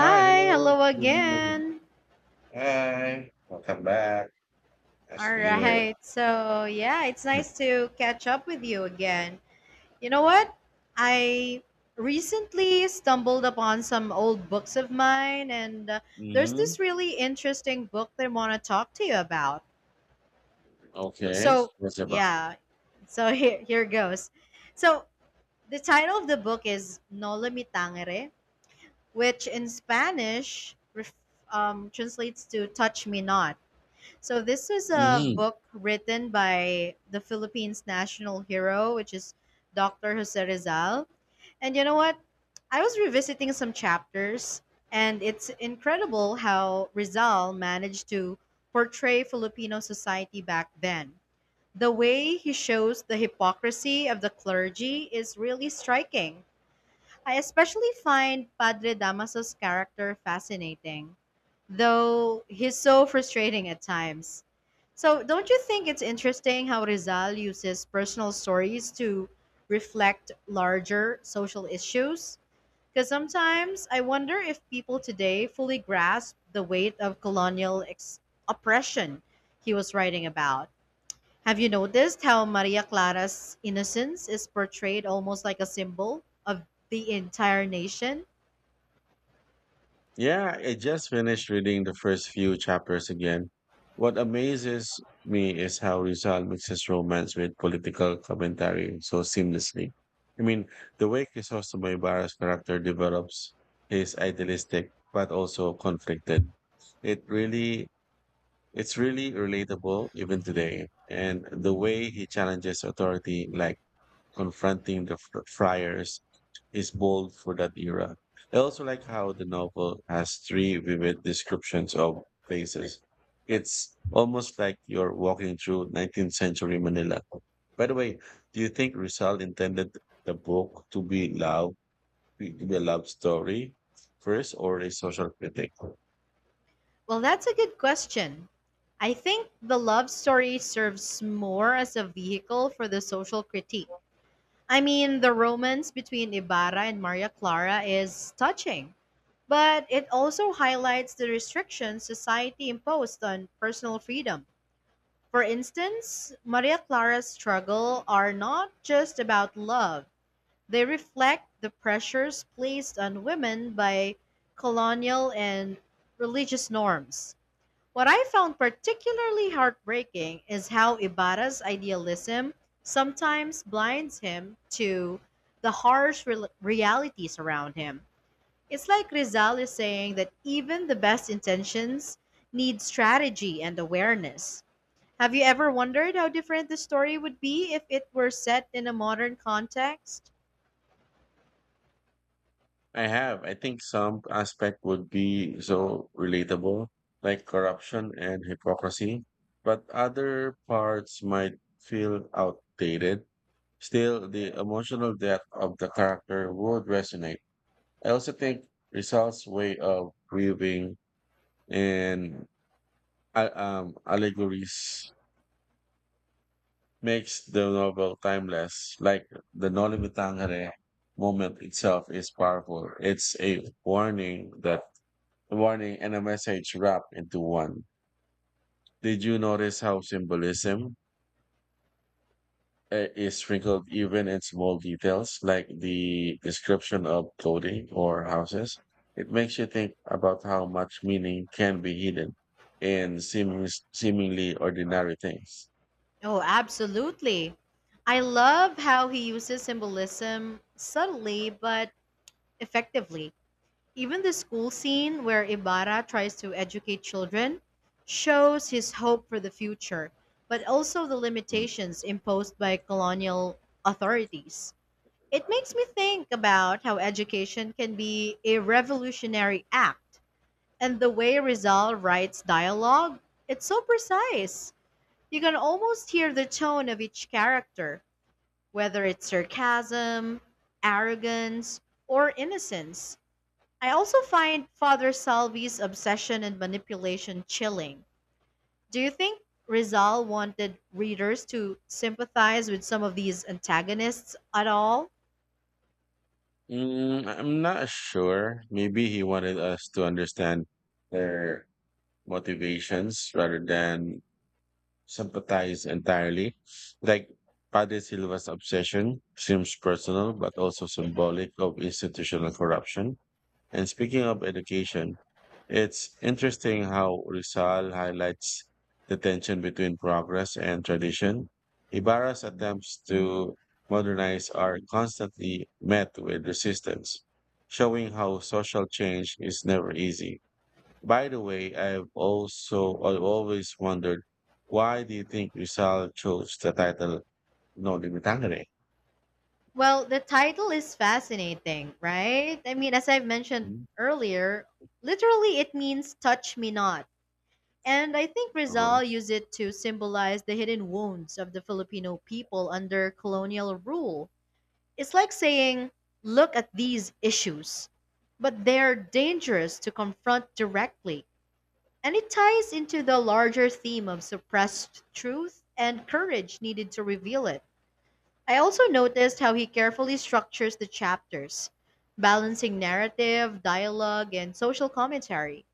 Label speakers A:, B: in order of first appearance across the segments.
A: Hi, hello.
B: hello
A: Good evening.
B: again.
A: Hi, welcome back. Nice to
B: All
A: be here.
B: right. It's nice to catch up with you again. You know what? I recently stumbled upon some old books of mine, and there's
A: Mm-hmm.
B: this really interesting book that I want to talk to you about.
A: Okay,
B: So,
A: what's it about?
B: yeah. Here goes. So, the title of the book is Nolo Mi Tangere, which in Spanish translates to Touch Me Not. So this is a
A: Mm-hmm.
B: book written by the Philippines' national hero, which is Dr. Jose Rizal. And you know what? I was revisiting some chapters, and it's incredible how Rizal managed to portray Filipino society back then. The way he shows the hypocrisy of the clergy is really striking. I especially find Padre Damaso's character fascinating, though he's so frustrating at times. So, don't you think it's interesting how Rizal uses personal stories to reflect larger social issues? Because sometimes I wonder if people today fully grasp the weight of oppression he was writing about. Have you noticed how Maria Clara's innocence is portrayed almost like a symbol of the entire nation?
A: Yeah, I just finished reading the first few chapters again. What amazes me is how Rizal mixes romance with political commentary so seamlessly. I mean, the way Crisostomo Ibarra's character develops is idealistic but also conflicted. It really It's really relatable even today. And the way he challenges authority, like confronting the friars, is bold for that era. I also like how the novel has three vivid descriptions of places. It's almost like you're walking through 19th century Manila. By the way, do you think Rizal intended the book to be a love story first or a social critic?
B: Well, that's a good question. I think the love story serves more as a vehicle for the social critique. I mean, the romance between Ibarra and Maria Clara is touching, but it also highlights the restrictions society imposed on personal freedom. For instance, Maria Clara's struggle are not just about love. They reflect the pressures placed on women by colonial and religious norms. What I found particularly heartbreaking is how Ibarra's idealism sometimes blinds him to the harsh rel realities around him. It's like Rizal is saying that even the best intentions need strategy and awareness. Have you ever wondered how different the story would be if it were set in a modern context?
A: I have. I think some aspect would be so relatable, like corruption and hypocrisy, but other parts might feel outdated. Still, the emotional depth of the character would resonate. I also think Rizal's way of grieving and allegories makes the novel timeless. Like the Noli Me Tangere moment itself is powerful. It's a warning and a message wrapped into one. Did you notice how symbolism is sprinkled even in small details like the description of clothing or houses? It makes you think about how much meaning can be hidden in seemingly ordinary things.
B: Oh, absolutely. I love how he uses symbolism subtly but effectively. Even the school scene where Ibarra tries to educate children shows his hope for the future, but also the
A: Mm.
B: limitations imposed by colonial authorities. It makes me think about how education can be a revolutionary act, and the way Rizal writes dialogue, it's so precise. You can almost hear the tone of each character, whether it's sarcasm, arrogance, or innocence. I also find Father Salvi's obsession and manipulation chilling. Do you think Rizal wanted readers to sympathize with some of these antagonists at all?
A: Mm. I'm not sure. Maybe he wanted us to understand their motivations rather than sympathize entirely. Like Padre Silva's obsession seems personal, but also symbolic of institutional corruption. And speaking of education, it's interesting how Rizal highlights the tension between progress and tradition. Ibarra's attempts to modernize are constantly met with resistance, showing how social change is never easy. By the way, I've always wondered why do you think Rizal chose the title No Limitangere?
B: Well, the title is fascinating, right? I mean, as I've mentioned
A: Mm.
B: earlier, literally it means touch me not. And I think
A: Uh-huh.
B: Rizal used it to symbolize the hidden wounds of the Filipino people under colonial rule. It's like saying, look at these issues, but they're dangerous to confront directly. And it ties into the larger theme of suppressed truth and courage needed to reveal it. I also noticed how he carefully structures the chapters, balancing narrative, dialogue, and social commentary.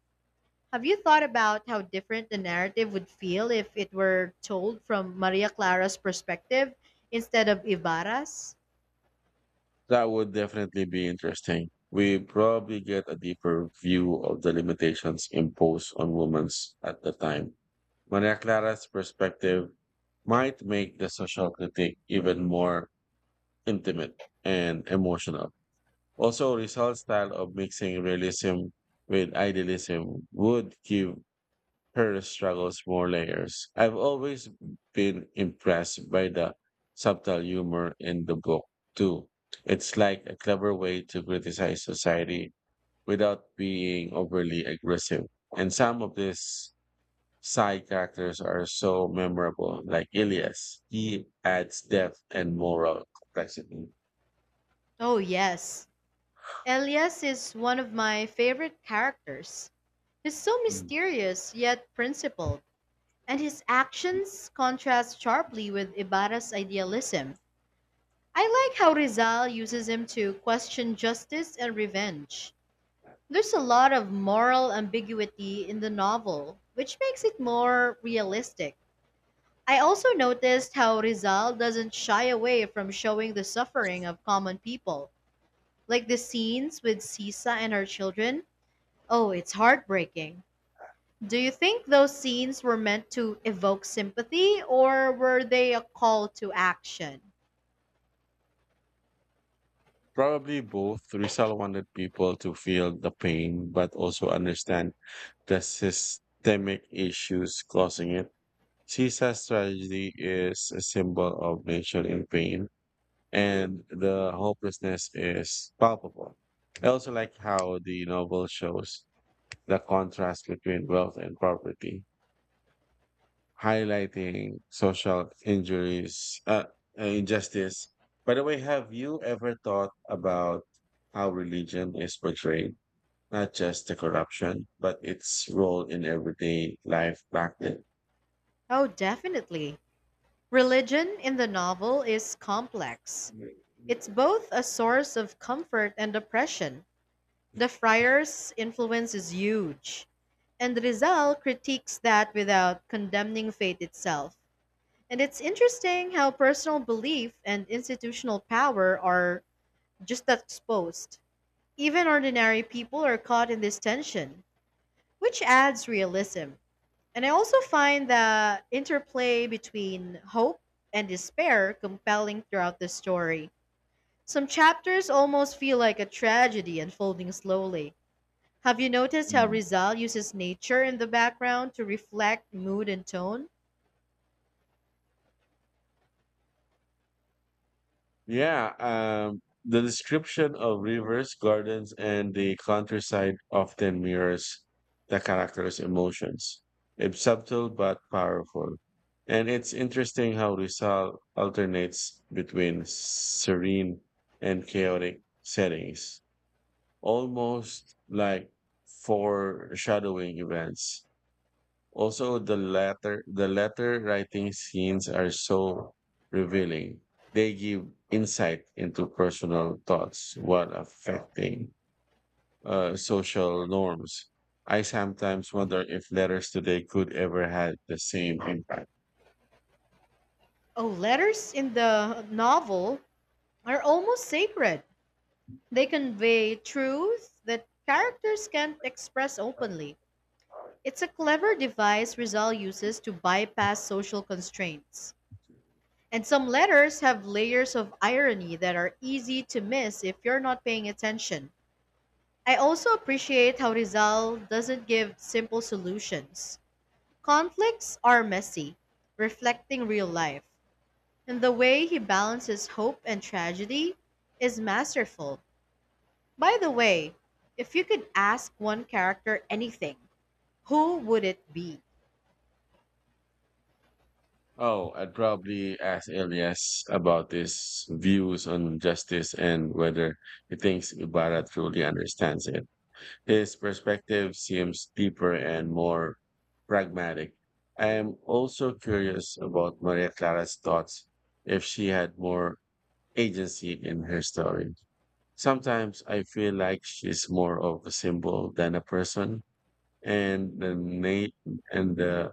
B: Have you thought about how different the narrative would feel if it were told from Maria Clara's perspective instead of Ibarra's?
A: That would definitely be interesting. We probably get a deeper view of the limitations imposed on women at the time. Maria Clara's perspective might make the social critique even more intimate and emotional. Also, Rizal's style of mixing realism with idealism would give her struggles more layers. I've always been impressed by the subtle humor in the book, too. It's like a clever way to criticize society without being overly aggressive. And some of these side characters are so memorable, like Ilias. He adds depth and moral complexity.
B: Oh, yes. Elias is one of my favorite characters. He's so
A: Mm.
B: mysterious yet principled, and his actions contrast sharply with Ibarra's idealism. I like how Rizal uses him to question justice and revenge. There's a lot of moral ambiguity in the novel, which makes it more realistic. I also noticed how Rizal doesn't shy away from showing the suffering of common people, like the scenes with Sisa and her children. Oh, it's heartbreaking. Do you think those scenes were meant to evoke sympathy or were they a call to action?
A: Probably both. Rizal wanted people to feel the pain, but also understand the systemic issues causing it. Caesar's tragedy is a symbol of nature in pain, and the hopelessness is palpable. I also like how the novel shows the contrast between wealth and poverty, highlighting social injuries, injustice. By the way, have you ever thought about how religion is portrayed, not just the corruption, but its role in everyday life back then?
B: Oh, definitely. Religion in the novel is complex.
A: Mm.
B: It's both a source of comfort and oppression. The friars' influence is huge, and Rizal critiques that without condemning faith itself. And it's interesting how personal belief and institutional power are just that exposed. Even ordinary people are caught in this tension, which adds realism. And I also find the interplay between hope and despair compelling throughout the story. Some chapters almost feel like a tragedy unfolding slowly. Have you noticed how Rizal uses nature in the background to reflect mood and tone?
A: Yeah, the description of rivers, gardens, and the countryside often mirrors the character's emotions. It's subtle but powerful. And it's interesting how Rizal alternates between serene and chaotic settings, almost like foreshadowing events. Also, the letter writing scenes are so revealing. They give insight into personal thoughts while affecting social norms. I sometimes wonder if letters today could ever have the same impact.
B: Oh, letters in the novel are almost sacred. They convey truth that characters can't express openly. It's a clever device Rizal uses to bypass social constraints. And some letters have layers of irony that are easy to miss if you're not paying attention. I also appreciate how Rizal doesn't give simple solutions. Conflicts are messy, reflecting real life, and the way he balances hope and tragedy is masterful. By the way, if you could ask one character anything, who would it be?
A: Oh, I'd probably ask Elias about his views on justice and whether he thinks Ibarra truly understands it. His perspective seems deeper and more pragmatic. I am also curious about Maria Clara's thoughts if she had more agency in her story. Sometimes I feel like she's more of a symbol than a person, and the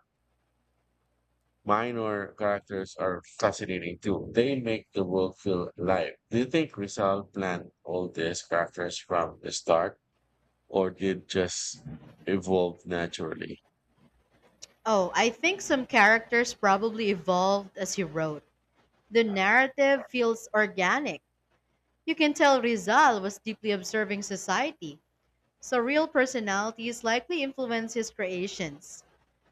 A: minor characters are fascinating too. They make the world feel alive. Do you think Rizal planned all these characters from the start, or did just evolve naturally?
B: Oh, I think some characters probably evolved as he wrote. The narrative feels organic. You can tell Rizal was deeply observing society, so real personalities likely influence his creations.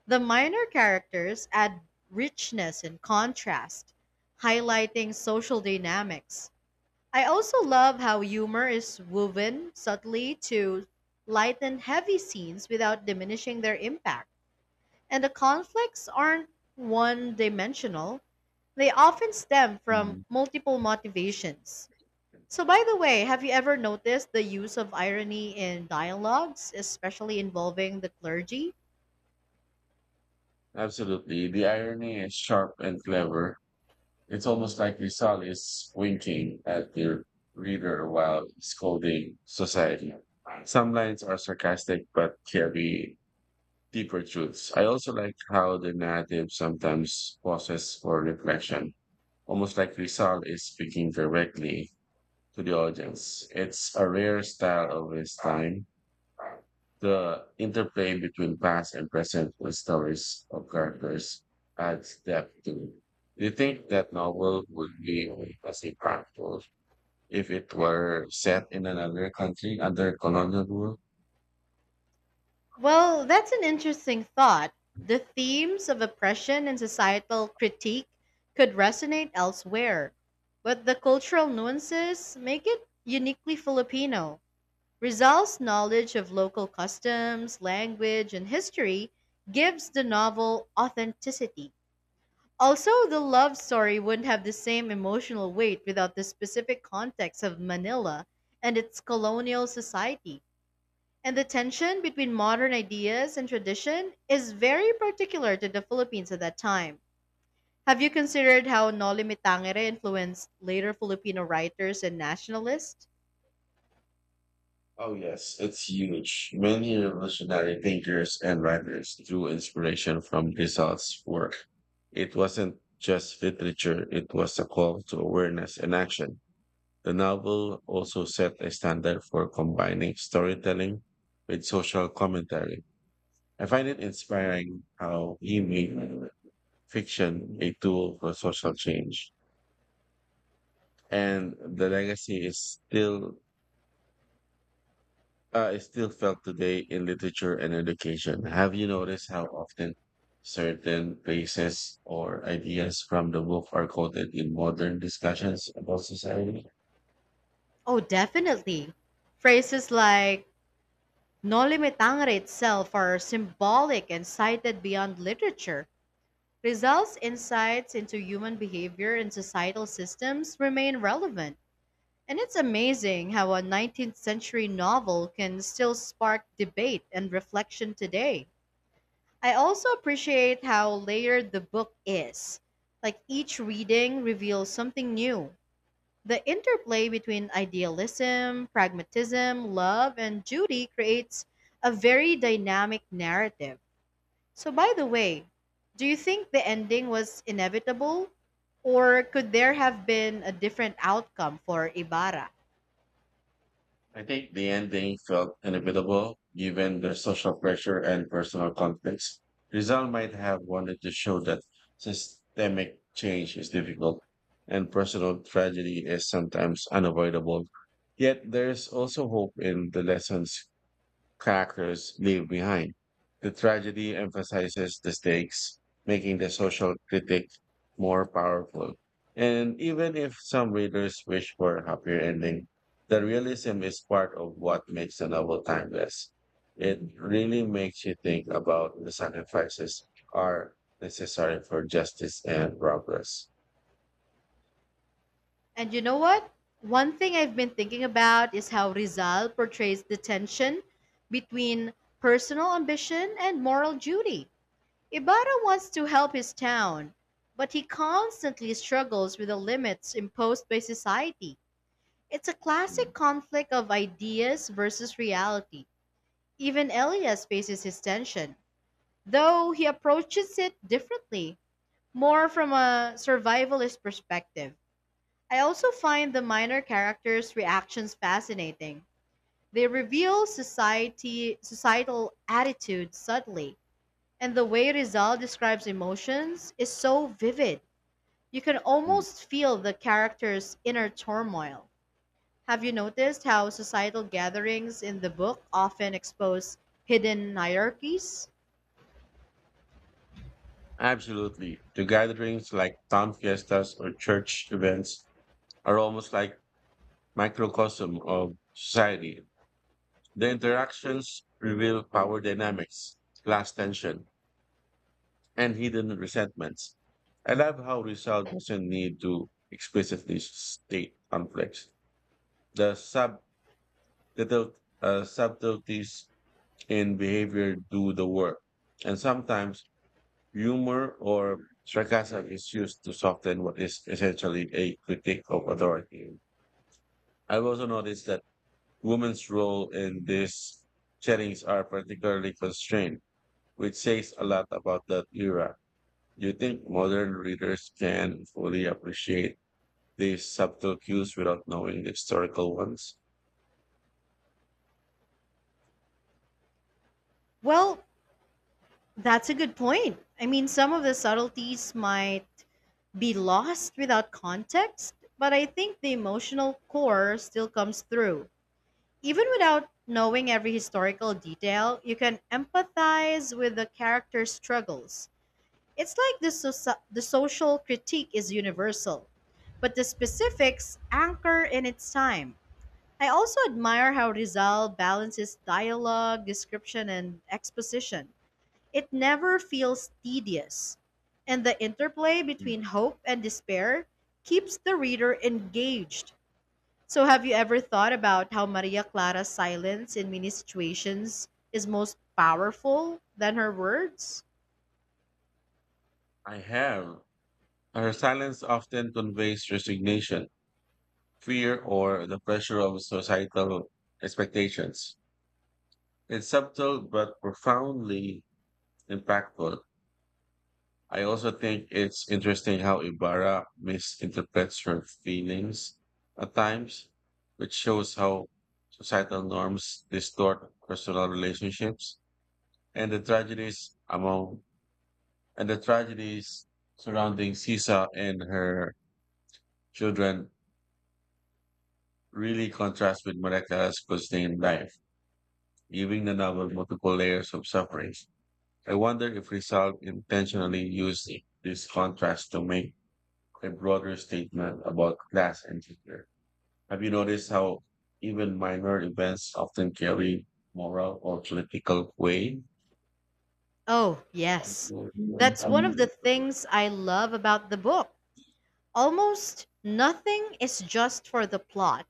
B: The minor characters add richness and contrast, highlighting social dynamics. I also love how humor is woven subtly to lighten heavy scenes without diminishing their impact. And the conflicts aren't one dimensional, they often stem from
A: Mm.
B: multiple motivations. So, by the way, have you ever noticed the use of irony in dialogues, especially involving the clergy?
A: Absolutely. The irony is sharp and clever. It's almost like Rizal is winking at the reader while scolding society. Some lines are sarcastic but carry deeper truths. I also like how the narrative sometimes pauses for reflection, almost like Rizal is speaking directly to the audience. It's a rare style of his time. The interplay between past and present with stories of characters adds depth to it. Do you think that novel would be as impactful if it were set in another country under colonial rule?
B: Well, that's an interesting thought. The themes of oppression and societal critique could resonate elsewhere, but the cultural nuances make it uniquely Filipino. Rizal's knowledge of local customs, language, and history gives the novel authenticity. Also, the love story wouldn't have the same emotional weight without the specific context of Manila and its colonial society. And the tension between modern ideas and tradition is very particular to the Philippines at that time. Have you considered how Noli Me Tangere influenced later Filipino writers and nationalists?
A: Oh yes, it's huge. Many revolutionary thinkers and writers drew inspiration from Rizal's work. It wasn't just literature, it was a call to awareness and action. The novel also set a standard for combining storytelling with social commentary. I find it inspiring how he made fiction a tool for social change, and the legacy is still felt today in literature and education. Have you noticed how often certain phrases or ideas from the book are quoted in modern discussions about society?
B: Oh, definitely. Phrases like Noli Me Tangere itself are symbolic and cited beyond literature. Results, insights into human behavior and societal systems remain relevant. And it's amazing how a 19th century novel can still spark debate and reflection today. I also appreciate how layered the book is. Like each reading reveals something new. The interplay between idealism, pragmatism, love, and duty creates a very dynamic narrative. So, by the way, do you think the ending was inevitable? Or could there have been a different outcome for Ibarra?
A: I think the ending felt inevitable given the social pressure and personal conflicts. Rizal might have wanted to show that systemic change is difficult and personal tragedy is sometimes unavoidable. Yet there is also hope in the lessons characters leave behind. The tragedy emphasizes the stakes, making the social critic more powerful. And even if some readers wish for a happier ending, the realism is part of what makes the novel timeless. It really makes you think about the sacrifices are necessary for justice and progress.
B: And you know what? One thing I've been thinking about is how Rizal portrays the tension between personal ambition and moral duty. Ibarra wants to help his town, but he constantly struggles with the limits imposed by society. It's a classic conflict of ideas versus reality. Even Elias faces his tension, though he approaches it differently, more from a survivalist perspective. I also find the minor characters' reactions fascinating. They reveal society societal attitudes subtly, and the way Rizal describes emotions is so vivid. You can
A: Mhm.
B: almost feel the character's inner turmoil. Have you noticed how societal gatherings in the book often expose hidden hierarchies?
A: Absolutely. To gatherings like town fiestas or church events, are almost like microcosm of society. The interactions reveal power dynamics, class tension, and hidden resentments. I love how Rizal doesn't need to explicitly state conflicts. The sub the subtleties in behavior do the work, and sometimes humor or sarcasm is used to soften what is essentially a critique of authority. I've also noticed that women's role in these settings are particularly constrained, which says a lot about that era. Do you think modern readers can fully appreciate these subtle cues without knowing the historical ones?
B: Well, that's a good point. I mean, some of the subtleties might be lost without context, but I think the emotional core still comes through. Even without knowing every historical detail, you can empathize with the character's struggles. It's like the social critique is universal, but the specifics anchor in its time. I also admire how Rizal balances dialogue, description, and exposition. It never feels tedious, and the interplay between hope and despair keeps the reader engaged. So, have you ever thought about how Maria Clara's silence in many situations is most powerful than her words?
A: I have. Her silence often conveys resignation, fear, or the pressure of societal expectations. It's subtle but profoundly impactful. I also think it's interesting how Ibarra misinterprets her feelings at times, which shows how societal norms distort personal relationships and the tragedies surrounding Sisa and her children really contrast with Mareka's constrained life, giving the novel multiple layers of suffering. I wonder if Rizal intentionally used this contrast to make a broader statement about class and gender. Have you noticed how even minor events often carry moral or political weight?
B: Oh, yes. That's one of
A: Mm.
B: the things I love about the book. Almost nothing is just for the plot.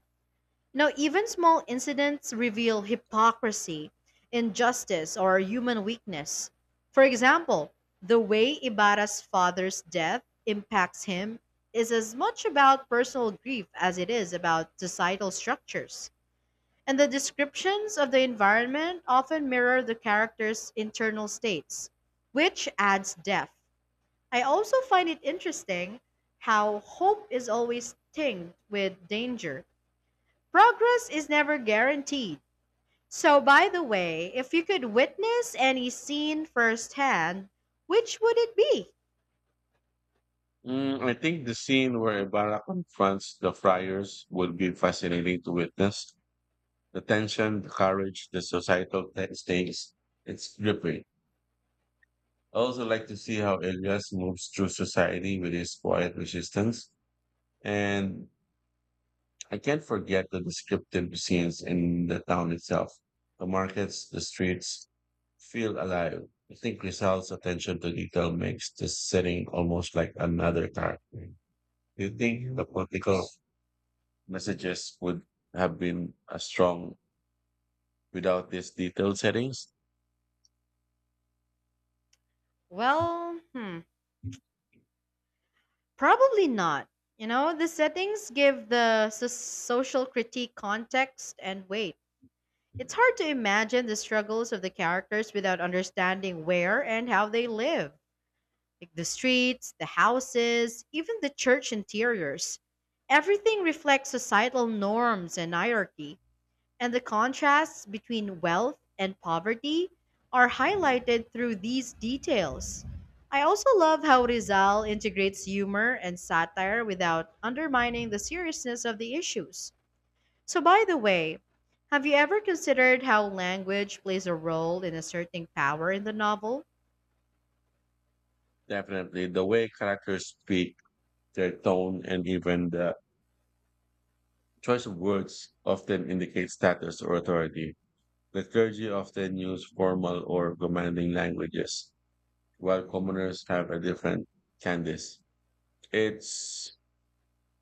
B: Now, even small incidents reveal hypocrisy, injustice, or human weakness. For example, the way Ibarra's father's death impacts him is as much about personal grief as it is about societal structures. And the descriptions of the environment often mirror the character's internal states, which adds depth. I also find it interesting how hope is always tinged with danger. Progress is never guaranteed. So, by the way, if you could witness any scene firsthand, which would it be?
A: I think the scene where Ibarra confronts the friars would be fascinating to witness. The tension, the courage, the societal stakes, it's gripping. I also like to see how Elias moves through society with his quiet resistance and I can't forget the descriptive scenes in the town itself. The markets, the streets feel alive. I think Rizal's attention to detail makes this setting almost like another character. Do you think the political messages would have been as strong without these detailed settings?
B: Well, hmm, probably not. You know, the settings give the social critique context and weight. It's hard to imagine the struggles of the characters without understanding where and how they live. Like the streets, the houses, even the church interiors. Everything reflects societal norms and hierarchy, and the contrasts between wealth and poverty are highlighted through these details. I also love how Rizal integrates humor and satire without undermining the seriousness of the issues. So, by the way, have you ever considered how language plays a role in asserting power in the novel?
A: Definitely. The way characters speak, their tone, and even the choice of words often indicate status or authority. The clergy often use formal or commanding languages, while commoners have a different cadence. It's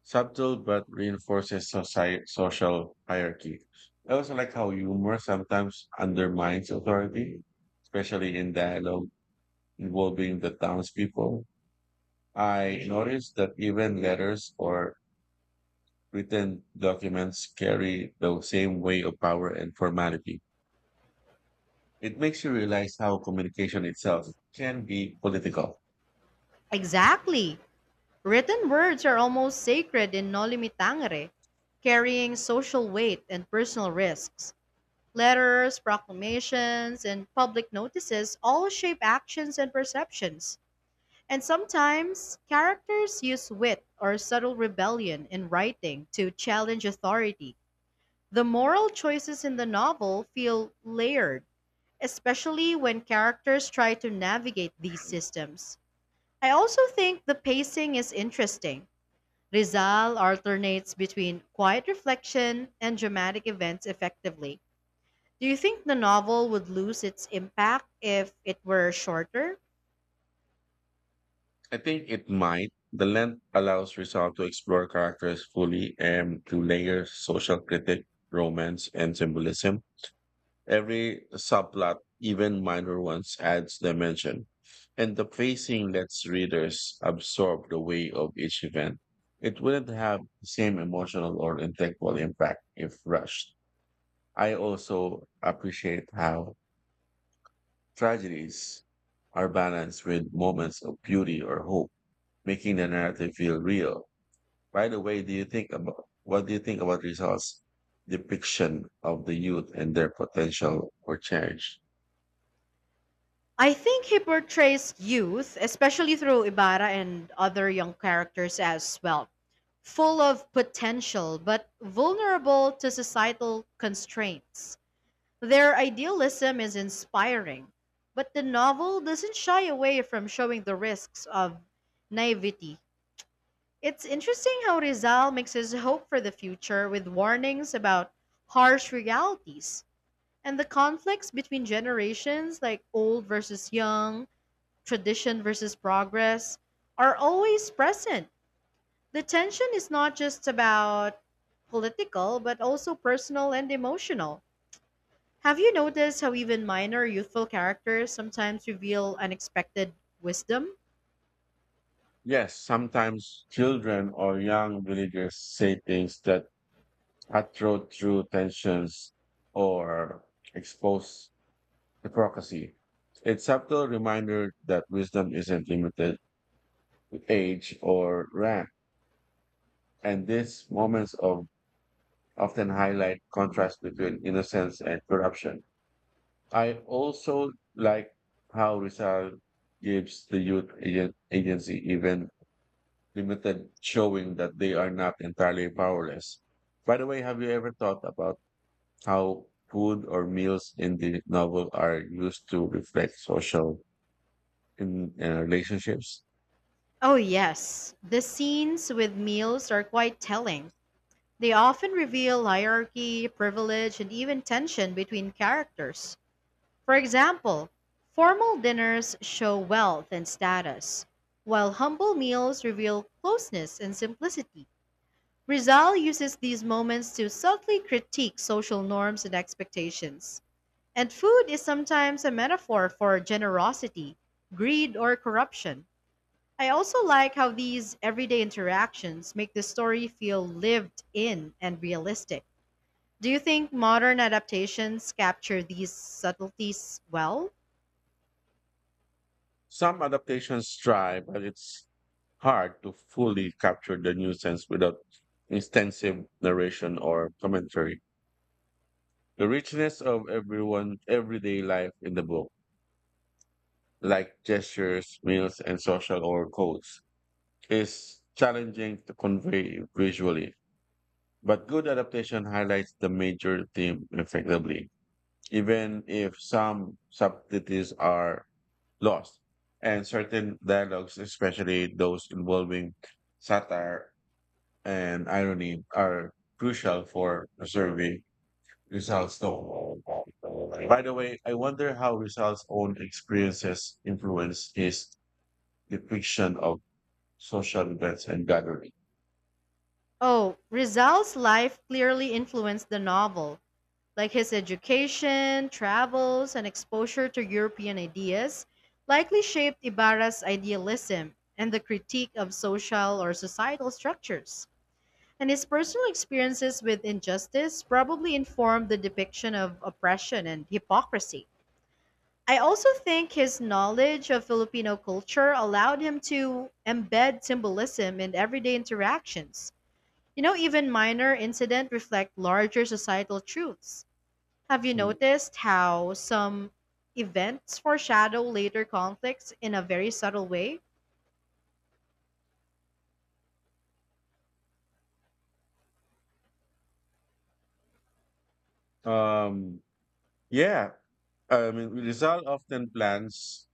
A: subtle but reinforces society, social hierarchy. I also like how humor sometimes undermines authority, especially in dialogue involving the townspeople. I noticed that even letters or written documents carry the same weight of power and formality. It makes you realize how communication itself can be political.
B: Exactly. Written words are almost sacred in Noli Me Tangere, carrying social weight and personal risks. Letters, proclamations, and public notices all shape actions and perceptions. And sometimes, characters use wit or subtle rebellion in writing to challenge authority. The moral choices in the novel feel layered, especially when characters try to navigate these systems. I also think the pacing is interesting. Rizal alternates between quiet reflection and dramatic events effectively. Do you think the novel would lose its impact if it were shorter?
A: I think it might. The length allows Rizal to explore characters fully and to layer social critique, romance, and symbolism. Every subplot, even minor ones, adds dimension. And the pacing lets readers absorb the weight of each event. It wouldn't have the same emotional or intellectual impact if rushed. I also appreciate how tragedies are balanced with moments of beauty or hope, making the narrative feel real. By the way, do you think about what do you think about Rizal's depiction of the youth and their potential for change?
B: I think he portrays youth, especially through Ibarra and other young characters as well, full of potential but vulnerable to societal constraints. Their idealism is inspiring, but the novel doesn't shy away from showing the risks of naivety. It's interesting how Rizal mixes hope for the future with warnings about harsh realities. And the conflicts between generations, like old versus young, tradition versus progress, are always present. The tension is not just about political, but also personal and emotional. Have you noticed how even minor youthful characters sometimes reveal unexpected wisdom?
A: Yes, sometimes children or young villagers say things that cutthroat through tensions or expose hypocrisy. It's subtle reminder that wisdom isn't limited to age or rank. And these moments of often highlight contrast between innocence and corruption. I also like how Rizal gives the youth agency even limited showing that they are not entirely powerless. By the way, have you ever thought about how food or meals in the novel are used to reflect social in relationships?
B: Oh, yes. The scenes with meals are quite telling. They often reveal hierarchy, privilege, and even tension between characters. For example, formal dinners show wealth and status, while humble meals reveal closeness and simplicity. Rizal uses these moments to subtly critique social norms and expectations. And food is sometimes a metaphor for generosity, greed, or corruption. I also like how these everyday interactions make the story feel lived in and realistic. Do you think modern adaptations capture these subtleties well?
A: Some adaptations try, but it's hard to fully capture the new sense without extensive narration or commentary. The richness of everyone everyday life in the book, like gestures, meals, and social or codes, is challenging to convey visually. But good adaptation highlights the major theme effectively, even if some subtleties are laws, and certain dialogues, especially those involving satire and irony, are crucial for preserving Rizal's tone. By the way, I wonder how Rizal's own experiences influence his depiction of social events and gathering.
B: Oh, Rizal's life clearly influenced the novel, like his education, travels, and exposure to European ideas likely shaped Ibarra's idealism and the critique of social or societal structures. And his personal experiences with injustice probably informed the depiction of oppression and hypocrisy. I also think his knowledge of Filipino culture allowed him to embed symbolism in everyday interactions, you know, even minor incidents reflect larger societal truths. Have you
A: Mm.
B: noticed how some events foreshadow later conflicts in a very subtle way?
A: Um, yeah, I mean, Rizal often plans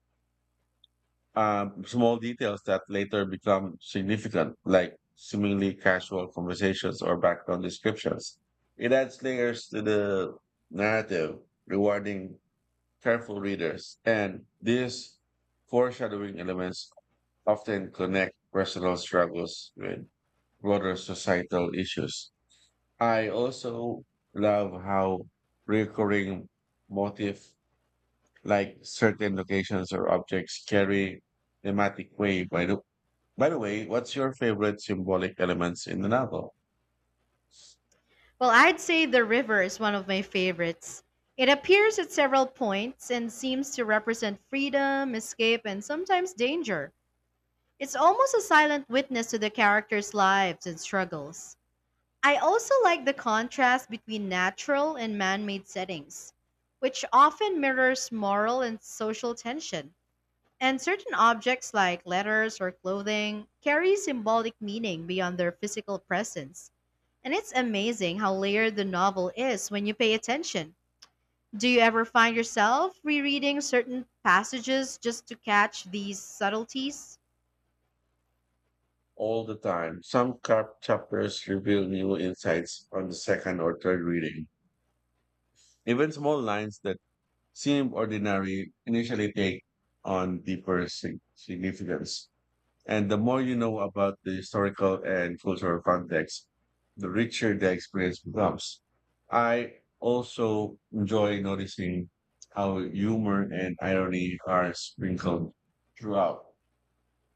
A: small details that later become significant, like seemingly casual conversations or background descriptions. It adds layers to the narrative, rewarding careful readers. And these foreshadowing elements often connect personal struggles with broader societal issues. I also love how recurring motif like certain locations or objects carry thematic weight By the way, what's your favorite symbolic elements in the novel?
B: Well, I'd say the river is one of my favorites. It appears at several points and seems to represent freedom, escape, and sometimes danger. It's almost a silent witness to the characters' lives and struggles. I also like the contrast between natural and man made settings, which often mirrors moral and social tension. And certain objects like letters or clothing carry symbolic meaning beyond their physical presence. And it's amazing how layered the novel is when you pay attention. Do you ever find yourself rereading certain passages just to catch these subtleties?
A: All the time. Some chapters reveal new insights on the second or third reading. Even small lines that seem ordinary initially take on deeper significance. And the more you know about the historical and cultural context, the richer the experience becomes. I also enjoy noticing how humor and irony are sprinkled throughout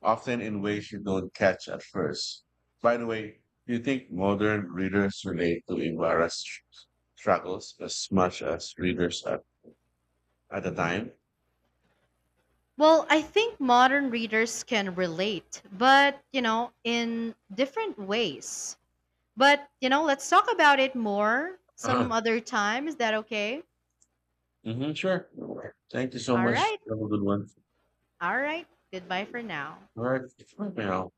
A: often in ways you don't catch at first. By the way, do you think modern readers relate to Ibarra's struggles as much as readers at the time?
B: Well, I think modern readers can relate, but you know, in different ways. But you know, let's talk about it more
A: Uh-huh.
B: some other time. Is that okay?
A: Hmm, sure. Thank you so
B: All
A: much.
B: right.
A: Have a good one.
B: All right. Goodbye for now.
A: All right. Bye now.